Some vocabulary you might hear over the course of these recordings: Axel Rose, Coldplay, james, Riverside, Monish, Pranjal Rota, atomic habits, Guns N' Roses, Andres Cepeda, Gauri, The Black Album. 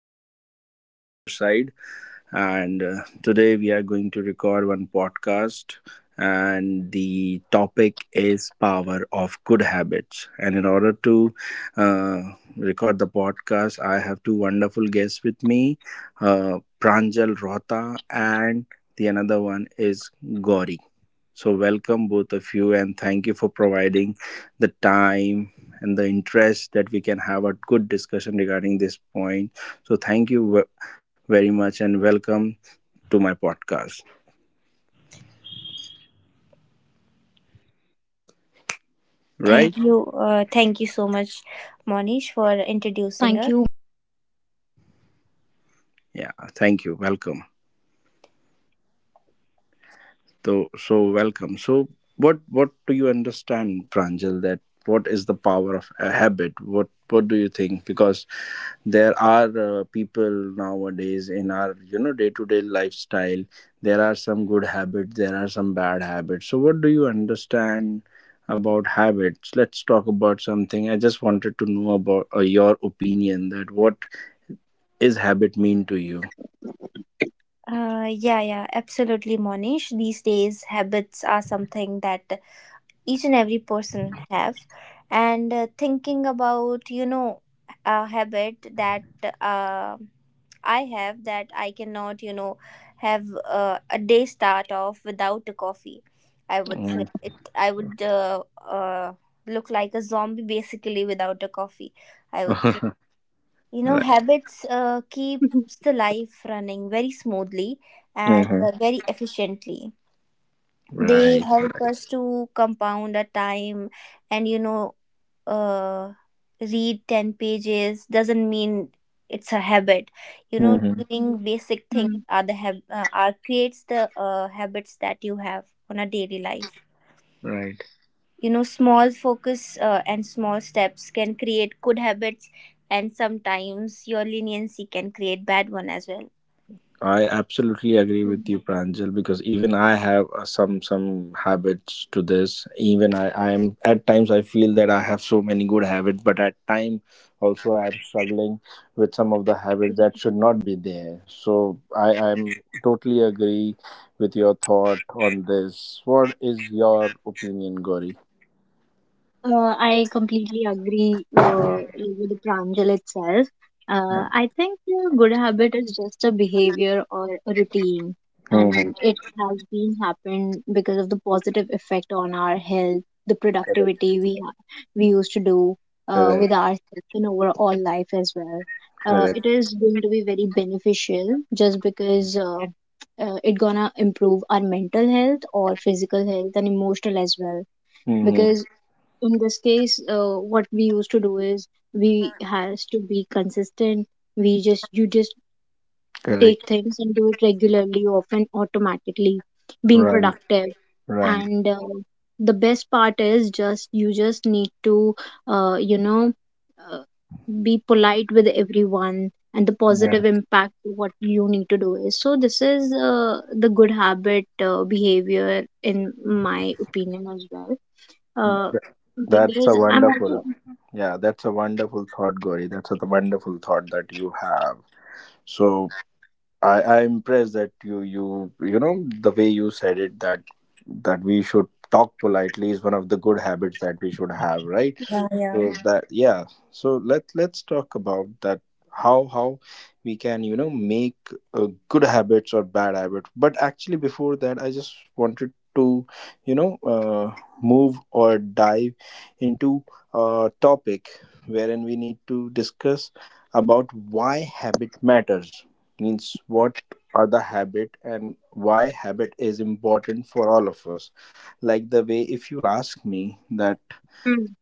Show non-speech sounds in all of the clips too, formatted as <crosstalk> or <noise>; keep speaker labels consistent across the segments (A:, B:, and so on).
A: and welcome to Riverside. And Today we are going to record one podcast, and the topic is power of good habits. And in order to uh, record the podcast, I have two wonderful guests with me, Pranjal Rota, and the another one is Gauri. So, welcome both of you, and thank you for providing the time and the interest that we can have a good discussion regarding this point. So, thank you very much, and welcome to my podcast.
B: Thank you, Monish,
A: Right?
C: Thank you.
B: for
C: Thank you so much, Monish, for introducing us.
A: Yeah. Thank you. Welcome. So, welcome. So, what do you understand, Pranjal? That what is the power of a habit? What do you think? Because there are people nowadays in our day to day lifestyle, there are some good habits, there are some bad habits. So what do you understand about habits? Let's talk about something. I just wanted to know about your opinion, that what is habit mean to you.
C: Yeah, absolutely, Monish. These days, habits are something that each and every person have, and thinking about a habit that uh, I have that I cannot have a day start off without a coffee. I would say
A: Mm.
C: it. I would look like a zombie basically without a coffee. I
A: <laughs>
C: would say.
A: Right.
C: You know, habits
B: <laughs>
C: keeps the life running very smoothly and
A: Mhm.
C: very efficiently. They
A: Right.
C: help us to compound our time, and uh, read 10 pages doesn't mean it's a habit. You know,
A: Mhm.
B: Mm.
C: doing basic things are the hab- are creates the habits that you have on a daily life.
A: Right.
C: You know, small focus and small steps can create good habits, and sometimes your leniency can create bad one as well.
A: I absolutely agree
B: Mm.
A: with you, Pranjal, because even I have some habits to this. Even I am at times I feel that I have so many good habits, but at time also I am struggling with some of the habits that should not be there. So I am totally agree with your thought on this. What is your opinion, Gauri?
B: I completely agree with Pranjal itself. I think a good habit is just a behavior or a routine,
A: Hmm.
B: and it has been happened because of the positive effect on our health, the
A: Correct.
B: productivity we used to do with
A: Correct.
B: ourselves and overall life as well. It
A: Correct.
B: is going to be very beneficial just because it gonna improve our mental health or physical health and emotional as well
A: Hmm.
B: because in this case, what we used to do is we has to be consistent. We just you just take
A: Correct.
B: things and do it regularly, often automatically, being
A: Right.
B: productive.
A: Right.
B: And the best part is just you just need to uh, you know uh, be polite with everyone and the positive
A: Yeah.
B: impact what you need to do is so this is the good habit behavior in my opinion as well uh,
A: That's
B: because
A: a
B: I'm also
A: wonderful, yeah, that's a wonderful thought, Gauri. That's a wonderful thought that you have. So I'm impressed that the way you said it, that we should talk politely is one of the good habits that we should have, right?
B: correct,
C: Yeah, yeah.
A: So that, yeah, so let's talk about that, how we can make good habits or bad habits. But actually, before that, I just wanted to you know uh, move or dive into a topic wherein we need to discuss about why habit matters. Means what are the habit and why habit is important for all of us. Like the way, if you'll ask me that,
B: hmm,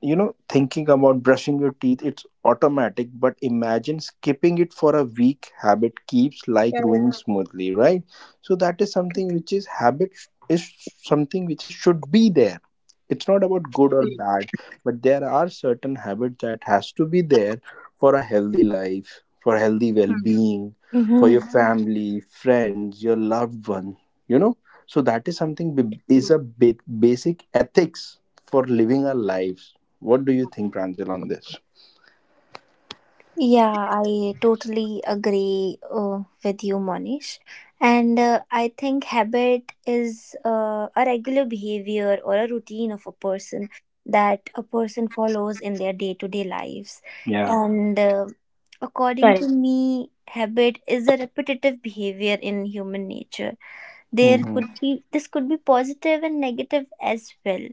A: thinking about brushing your teeth, it's automatic, but imagine skipping it for a week. Habit keeps like
B: correct,
A: growing smoothly, right? So that is something which is habit, is something which is should be there. It's not about good or
B: correct,
A: bad, but there are certain habits that has to be there for a healthy life, for healthy
B: hmm,
A: well-being, for
C: Mm-hmm.
A: your family, friends, your loved one, you know. So that is something
B: correct,
A: is a basic ethics for living our lives. What do you think, Pranjal, on this?
C: Yeah, I totally agree with you, Monish. And I think habit is a regular behavior or a routine of a person that a person follows in their day to day lives.
A: Yeah.
C: And according
B: correct,
C: to me, habit is a repetitive behavior in human nature. There
A: Mm-hmm.
C: could be, this could be positive and negative as well.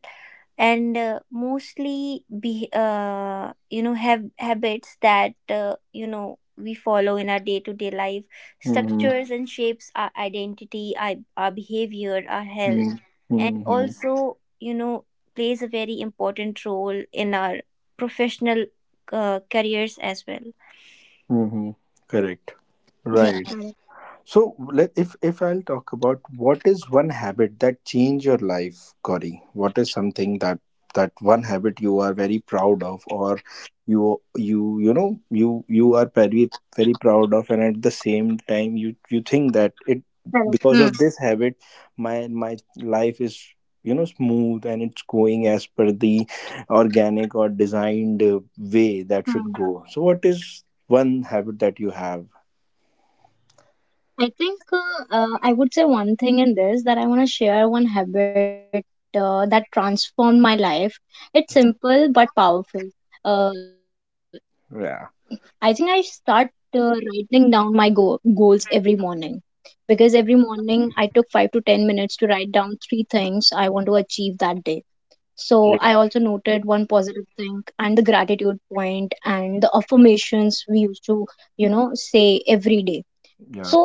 C: And mostly be, have habits that we follow in our day-to-day life,
A: Mm-hmm.
C: structures and shapes our identity, our behavior, our health, and
A: Mm-hmm.
C: also plays a very important role in our professional careers as well.
A: Mm-hmm. Correct.
C: Yeah.
A: Right.
B: correct,
A: So let if I'll talk about what is one habit that changed your life, Gauri. What is something that one habit you are very proud of, or you are very very proud of, and at the same time you think that it,
B: correct.
A: because
B: Hmm.
A: of this habit, my life is smooth and it's going as per the organic or designed way that
B: Hmm.
A: should go. So what is one habit that you have?
B: I would say one thing in this that I want to share one habit that transformed my life. It's simple but powerful. Uh, I think I start
A: Yeah.
B: writing down my goals every morning because every morning I took 5 to 10 minutes to write down three things I want to achieve that day. So I also
A: Oh,
B: noted one positive thing and the gratitude point and the affirmations we used to say every day.
A: yeah.
B: So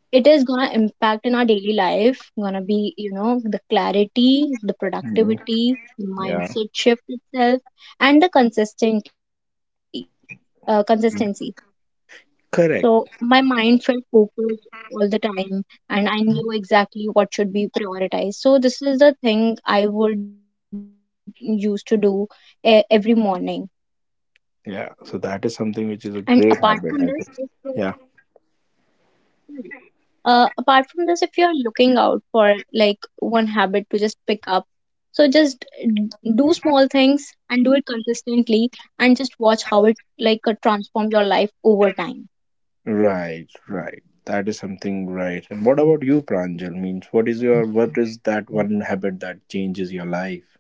B: it is gonna impact in our daily life, gonna be, you know, the clarity, the
A: Mhm.
B: productivity, the
A: Yeah,
B: mindset shift itself, and the consistency. Consistency
A: yeah.
B: so
A: Correct.
B: my mind felt focused all the time and I knew exactly what should be prioritized. So this is the thing I would used to do every morning.
A: Yeah, so that is something which is
B: And
A: a great
B: apart from
A: habit,
B: this,
A: I
B: it's
A: think. Yeah,
B: apart from this, if you're looking out for like one habit to just pick up, so just d- do small things and do it consistently and just watch how it transform your life over time.
A: right, right. That is something right. And what about you, Pranjal? Means what is that one habit that changes your life?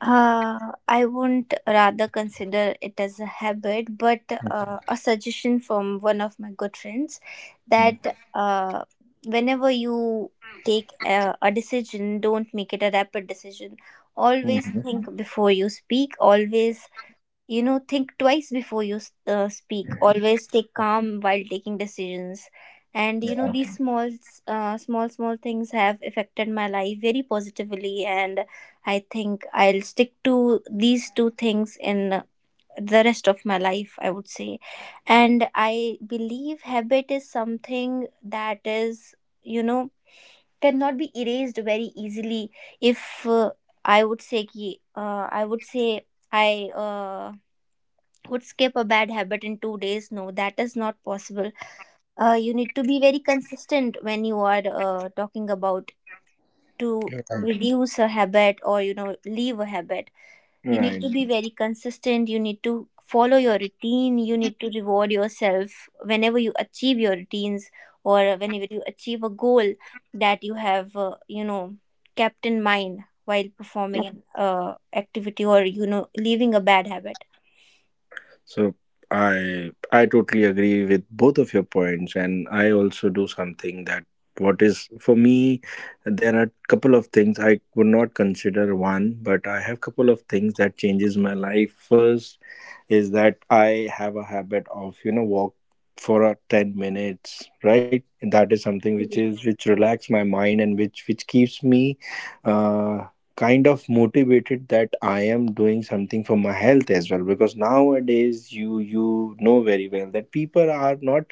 C: Uh, I wouldn't rather consider it as a habit, but a suggestion from one of my good friends that whenever you take a decision, don't make it a rapid decision. Always
A: Mm-hmm.
C: think before you speak, always, you know, think twice before you speak. Always stay calm while taking decisions. And you know,
A: Yeah,
C: these small, small things have affected my life very positively. And I think I'll stick to these two things in the rest of my life, I would say. And I believe habit is something that is, you know, cannot be erased very easily. If I would say, ki, I would say, I would skip a bad habit in 2 days. No, that is not possible. You need to be very consistent when you are talking about to
A: you're right.
C: reduce a habit or you know leave a habit. You need
A: Right.
C: to be very consistent, you need to follow your routine, you need to reward yourself whenever you achieve your routines or whenever you achieve a goal that you have you know kept in mind while performing an
B: Yep.
C: activity or you know leaving a bad habit.
A: So I totally agree with both of your points, and I also do something that, what is for me, there are couple of things I would not consider one, but I have couple of things that changes my life. First is that I have a habit of walk for a 10 minutes, right? That is something which relax my mind, and which keeps me uh, kind of motivated that I am doing something for my health as well, because nowadays you know very well that people are not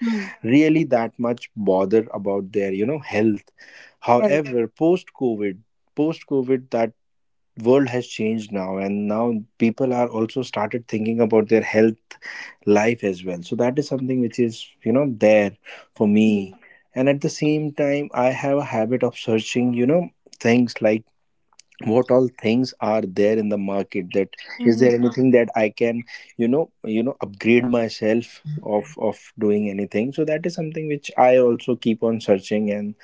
A: really
B: Hmm.
A: that much bother about their health. However, post
B: Well,
A: covid, that world has changed now, and now people are also started thinking about their health life as well. So that is something which is, there for me. And at the
B: hmm.
A: same time, I have a habit of searching, things like what all things are there in the market, that is there
C: Hmm
A: anything that I can upgrade myself of doing anything. So that is something which I also keep on searching, and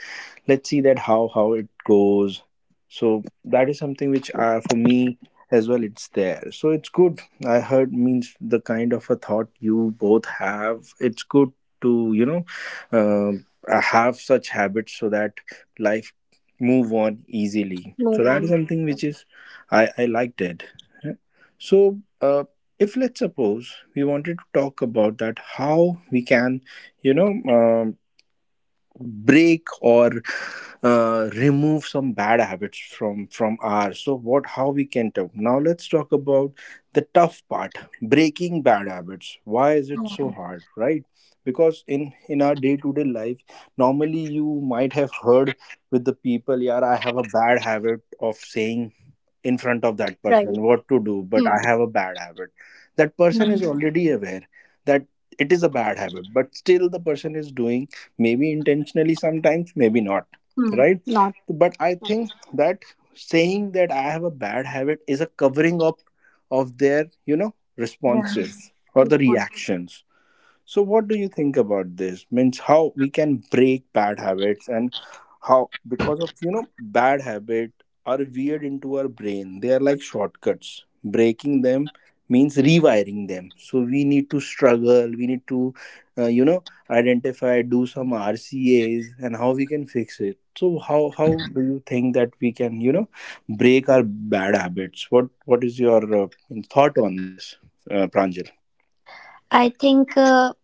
A: let's see that how it goes. So that is something which for me as well it's there, so it's good. I heard, means the kind of a thought you both have, it's good to um, have such habits, so that life move on easily. So that is
B: Move
A: something which
B: on.
A: is, I liked it. Yeah. So if let's suppose we wanted to talk about that, how we can you know um break or remove some bad habits from ours. So what how we can talk now. Let's talk about the tough part: breaking bad habits. Why is it so
C: yeah.
A: hard, right? Because in our day to day life, normally you might have heard with the people, yeah, I have a bad habit of saying in front of that person what to
B: Right.
A: do, but I have a
B: Hmm.
A: bad habit, that person is
C: Mm.
A: already aware that it is a bad habit, but still the person is doing, maybe intentionally, sometimes maybe not, right?
B: Hmm.
A: But I
B: Not
A: think
B: right.
A: that saying that I have a bad habit is a covering up of their
C: Yeah.
A: responses or the
B: Yes, what-
A: reactions. So, what do you think about this? Means how we can break bad habits? And how, because of bad habit are weird into our brain. They are like shortcuts. Breaking them means rewiring them. So we need to struggle. We need to uh, you know identify, do some RCAs, and how we can fix it. So how do you think that we can break our bad habits? What is your thought on this, Pranjal?
C: I think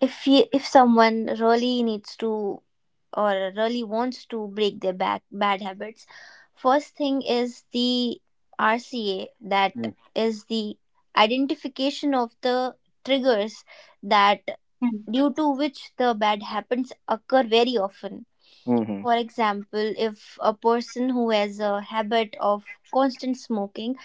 C: if you, if someone really needs to or really wants to break their back bad habits, first thing is the RCA, that is the identification of the triggers, that due
B: Hmm.
C: to which the bad habits occur very often.
A: Mm-hmm.
C: For example, if a person who has a habit of constant smoking,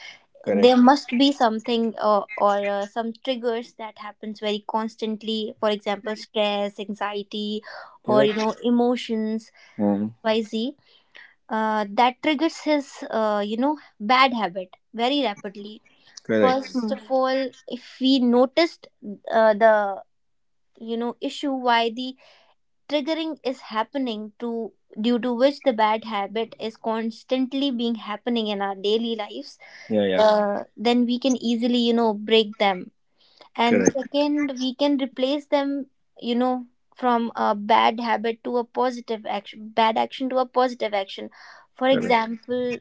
C: there
A: Correct.
C: must be something or some triggers that happens very constantly, for example
B: Right.
C: stress, anxiety, or you
A: Correct.
C: know emotions,
A: Mm,
C: yz, that triggers his you know bad habit very rapidly.
A: correct.
C: First of
B: Hmm.
C: all, if we noticed the you know issue why the triggering is happening to, due to which the bad habit is constantly being happening in our daily lives,
A: Yeah, yeah.
C: then we can easily you know break them, and
A: Correct.
C: second we can replace them, you know, from a bad habit to a positive action, bad action to a positive action. For
A: Correct.
C: example,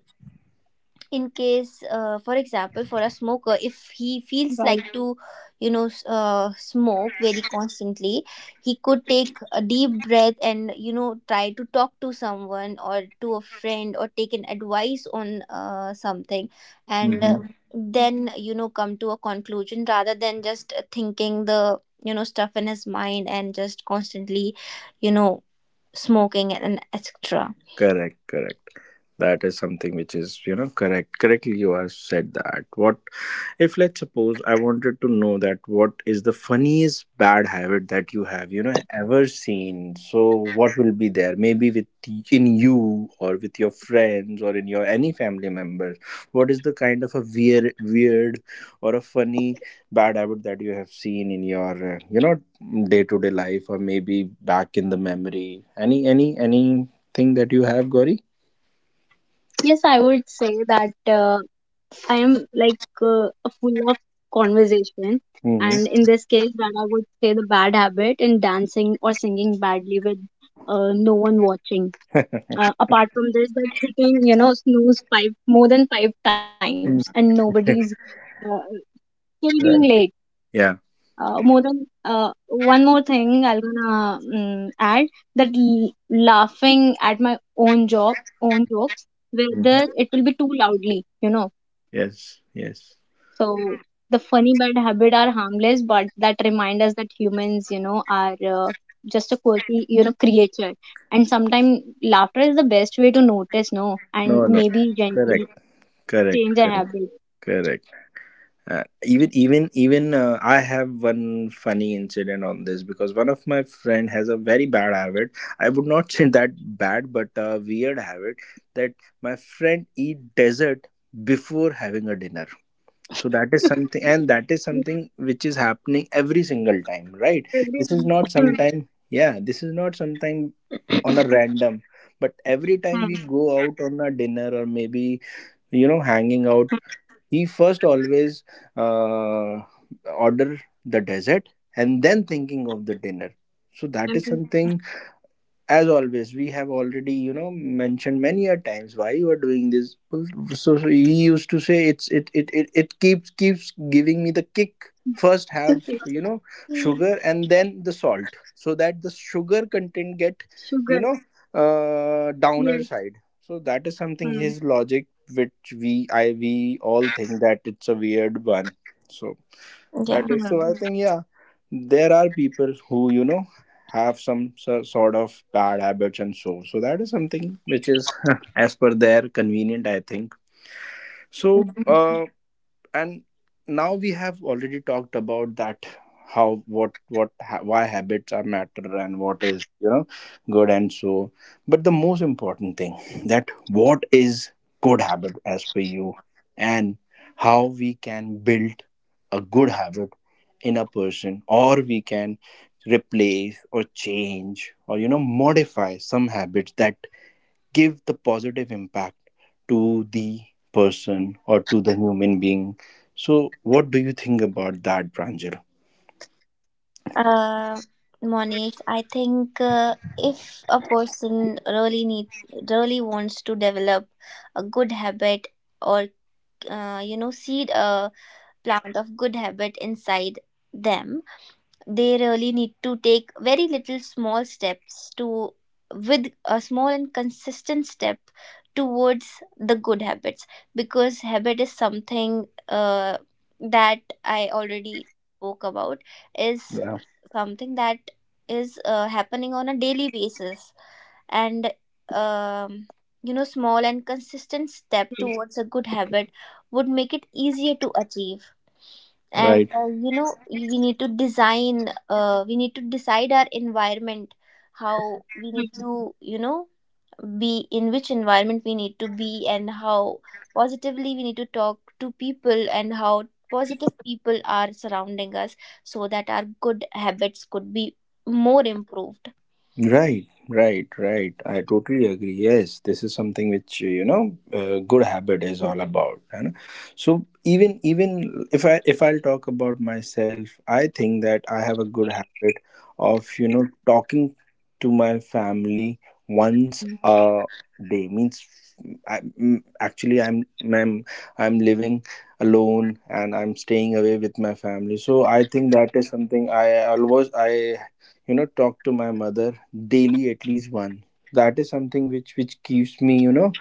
C: in case for example for a smoker, if he feels like to
B: Right.
C: you know smoke very constantly, he could take a deep breath and you know try to talk to someone or to a friend or take an advice on something, and
A: Mm-hmm.
C: Then you know come to a conclusion rather than just thinking the you know stuff in his mind and just constantly, you know, smoking and etc.
A: Correct, correct. That is something which is correct. Correctly, you have said that. What if, let's suppose, I wanted to know that what is the funniest bad habit that you have ever seen? So, what will be there? Maybe with in you or with your friends or in your any family members. What is the kind of a weird, weird or a funny bad habit that you have seen in your, day to day life, or maybe back in the memory? Any thing that you have, Gauri?
B: Yes, I would say that I am full of conversation, and in
A: Mm-hmm.
B: this case, that I would say the bad habit in dancing or singing badly with no one watching. Apart from this, that hitting you know snooze five more than five times and nobody's
A: <laughs>
B: uh, till being late.
A: Right. Yeah.
B: More than one more thing, I'm gonna add that laughing at my own job, own jokes, whether
A: Hmm.
B: it will be too loudly, you know.
A: Yes. Yes.
B: So the funny bad habit are harmless, but that remind us that humans, you know, are just a quirky, you know, creature. And sometimes laughter is the best way to notice, no, and
A: No. No.
B: maybe
A: Correct.
B: gently
A: Correct.
B: change a
A: Correct.
B: habit.
A: Correct. Even I have one funny incident on this, because one of my friend has a very bad habit. I would not say that bad, but a weird habit, that my friend eat dessert before having a dinner. So that is something,
B: <laughs>
A: and that is
B: Hmm.
A: something which is happening every single time, right? This is not sometime, yeah, this is not sometime on a random, but every time
B: Hmm.
A: we go out on a dinner, or maybe hanging
B: Hmm.
A: out, we first always uh, order the dessert, and then thinking of the dinner. So
B: Hmm.
A: that is
B: Hmm.
A: something. As always, we have already mentioned many a times, why you are doing this? Well, so he used to say, it's it keeps giving me the kick. First have sugar and then the salt, so that the sugar content get you
B: Sugar,
A: know downer
B: yes.
A: side. So that is something,
B: Hmm.
A: his logic, which we all think that it's a weird one. So
B: Hm.
C: Yeah.
A: that is so. I think, yeah, there are people who have some sort of bad habits, and so. So that is something which is <laughs> as per their convenient. I think so. And now we have already talked about that: how, why habits are matter, and what is good, and so, but the most important thing, that what is good habit as per you, and how we can build a good habit in a person, or we can replace or change or modify some habits that give the positive impact to the person or to the human being. So what do you think about that, Pranjal?
C: Uh, Monish, I think if a person really need really wants to develop a good habit or you know seed a plant of good habit inside them. They really need to take very little small steps to, with a small and consistent step towards the good habits. Because habit is something that I already spoke about, is
A: Yeah,
C: something that is happening on a daily basis, and um, you know small and consistent step towards a good habit would make it easier to achieve. And
A: right,
C: you know we need to decide our environment, how we need
B: Hm.
C: to you know be, in which environment we need to be, and how positively we need to talk to people, and how positive people are surrounding us so that our good habits could be more improved.
A: right, right, right, I totally agree. Yes, this is something which good habit is all about, and so even if I if I'll talk about myself. I think that I have a good habit of talking to my family once
B: Hm.
A: a day, means I, actually, I'm I'm living alone, and I'm staying away with my family. So I think that is something I always, I you know talk to my mother daily at least one. That is something which keeps me,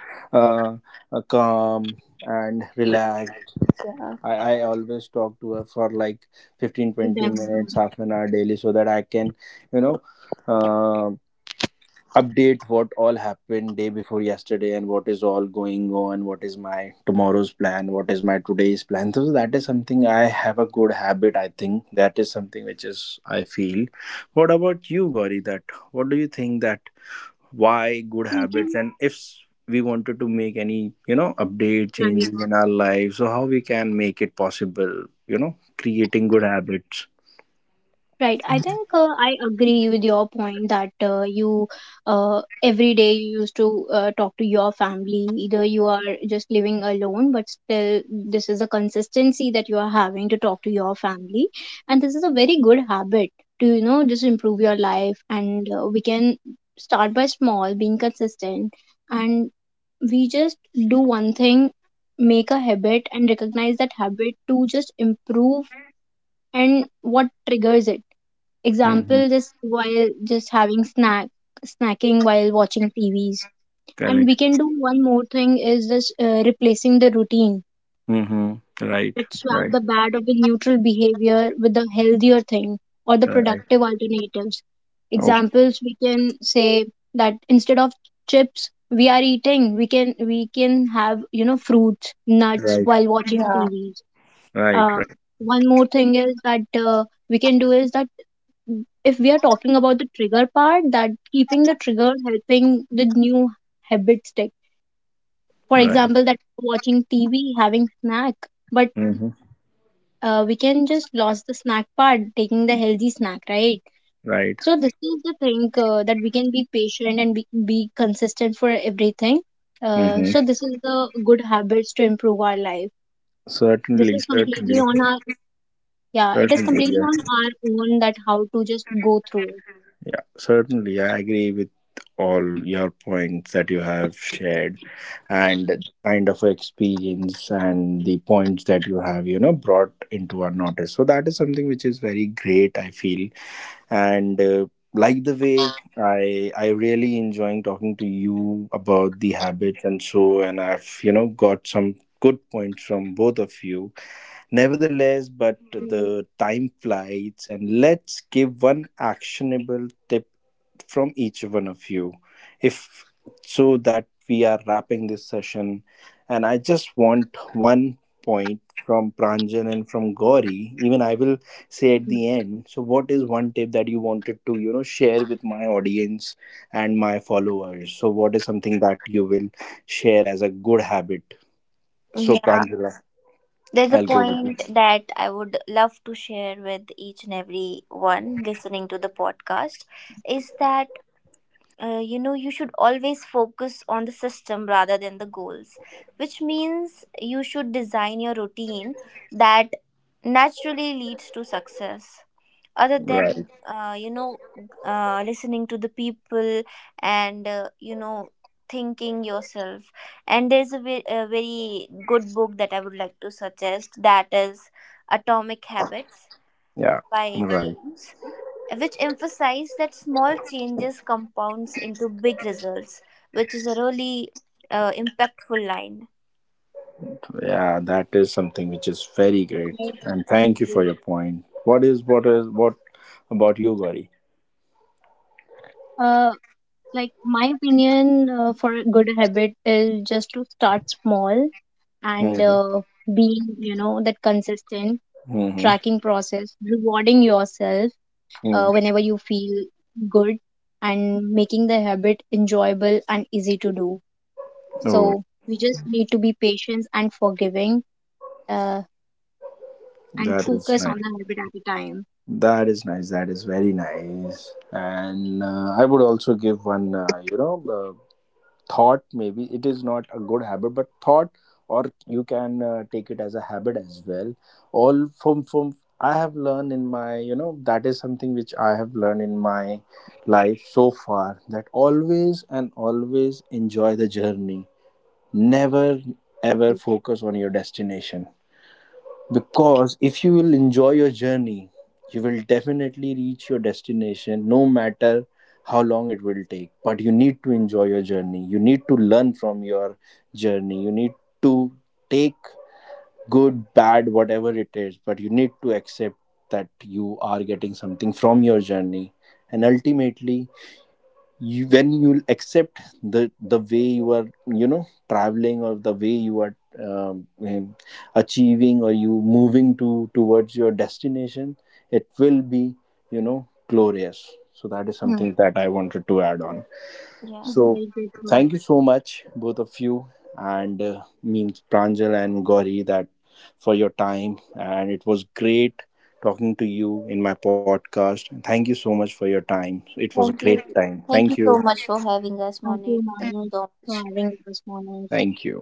A: uh, calm and relaxed.
C: Yeah,
A: I always talk to her for like fifteen twenty
B: Then hm.
A: minutes half an hour daily, so that I can you know uh, update what all happened day before yesterday, and what is all going on, what is my tomorrow's plan, what is my today's plan. So that is something I have a good habit, I think. That is something which is, I feel. What about you, Gauri? That, what do you think, that why good habits? And if s- we wanted to make any update
B: Hm.
A: changes in our lives, so how we can make it possible, creating good habits?
B: Right. I think I agree with your point that you every day you used to talk to your family. Either you are just living alone, but still, this is a consistency that you are having to talk to your family. And this is a very good habit to, you know, just improve your life. And we can start by small, being consistent. And we just do one thing, make a habit, and recognize that habit to just improve and what triggers it.
A: Mm-hmm.
B: Example, just while just having snack, snacking while watching TVs. And
A: Correct.
B: we can do one more thing is just replacing the routine.
A: Mm-hmm. Right,
B: Let's swap
A: right,
B: the bad or the neutral behavior with the healthier thing or the
A: right.
B: productive alternatives.
A: Oh.
B: Examples, we can say that instead of chips we are eating, we can have you know fruits, nuts
A: Right.
B: while watching
C: yeah.
B: TVs.
A: Right,
B: Uh,
A: right,
B: One more thing is that we can do is that if we are talking about the trigger part that keeping the trigger helping the new habit stick, for
A: right.
B: example that watching TV having snack, but
A: Mm-hmm.
B: we can just lose the snack part taking the healthy snack, right?
A: Right.
B: So this is the thing that we can be patient and be consistent for everything. So
A: Mm-hmm.
B: this is the good habits to improve our life. This
A: Certainly,
B: is completely
A: certainly,
B: on our, yeah, it is
A: certainly.
B: completely on
A: Yeah,
B: our own that how to just go through it.
A: yeah. Certainly, I agree with all your points that you have shared, and the kind of experience and the points that you have brought into our notice. So that is something which is very great, I feel. And like the way I really enjoying talking to you about the habits and so, and I've got some good points from both of you.
B: Right.
A: Nevertheless, but the time flies, and let's give one actionable tip from each one of you. If so, that we are wrapping this session, and I just want one point from Pranjan and from Gauri. Even I will
B: Mm.
A: say at the end. So, what is one tip that you wanted to share with my audience and my followers? So, what is something that you will share as a good habit? So,
C: Yeah,
A: Pranjala,
C: there's a
A: I'll go with you.
C: point that I would love to share with each and every one listening to the podcast, is that you know you should always focus on the system rather than the goals, which means you should design your routine that naturally leads to success,
A: <laughs>
C: other
A: Right.
C: than listening to the people and you know thinking yourself. And there's a a very good book that I would like to suggest, that is Atomic Habits
A: Yeah,
C: by
A: right.
C: James, which emphasize that small changes compounds into big results, which is a really impactful line.
A: Yeah, that is something which is very great. And thank you for your point. What about you, Gauri?
B: Uh, like my opinion for a good habit is just to start small and
A: Mm-hmm.
B: being, you know, that consistent
A: Mm-hmm.
B: tracking process, rewarding yourself
A: Mm.
B: whenever you feel good, and making the habit enjoyable and easy to do.
A: Oh,
B: So we just need to be patient and forgiving uh,
A: that
B: and
A: is nice.
B: focus on the habit at a time.
A: That is nice. That is very nice. And I would also give one. Thought maybe it is not a good habit, but thought, or you can take it as a habit as well. All from I have learned in my, that is something which I have learned in my life so far, that always and always enjoy the journey, never ever focus on your destination. Because if you will enjoy your journey, you will definitely reach your destination, no matter how long it will take. But you need to enjoy your journey. You need to learn from your journey. You need to take good, bad, whatever it is. But you need to accept that you are getting something from your journey. And ultimately, you when you accept the way you are, traveling, or the way you are, um, um, achieving, or you moving to towards your destination, it will be, glorious. So that is something that
B: Hmm.
A: I wanted to add on.
C: Yeah.
A: So
B: This is a very great
A: thank you so
B: thought.
A: much both of you, and means Pranjal and Gauri, that for your time. And it was great talking to you in my podcast. Thank you so much for your time. It was a
C: Thank
A: great
C: you.
A: time.
C: Thank
A: Thank
C: you
A: you.
C: so much for having us,
B: Thank
C: Monet.
B: you,
C: Thank you so
B: Manoj,
C: much.
B: for having us, Manoj.
A: Thank you.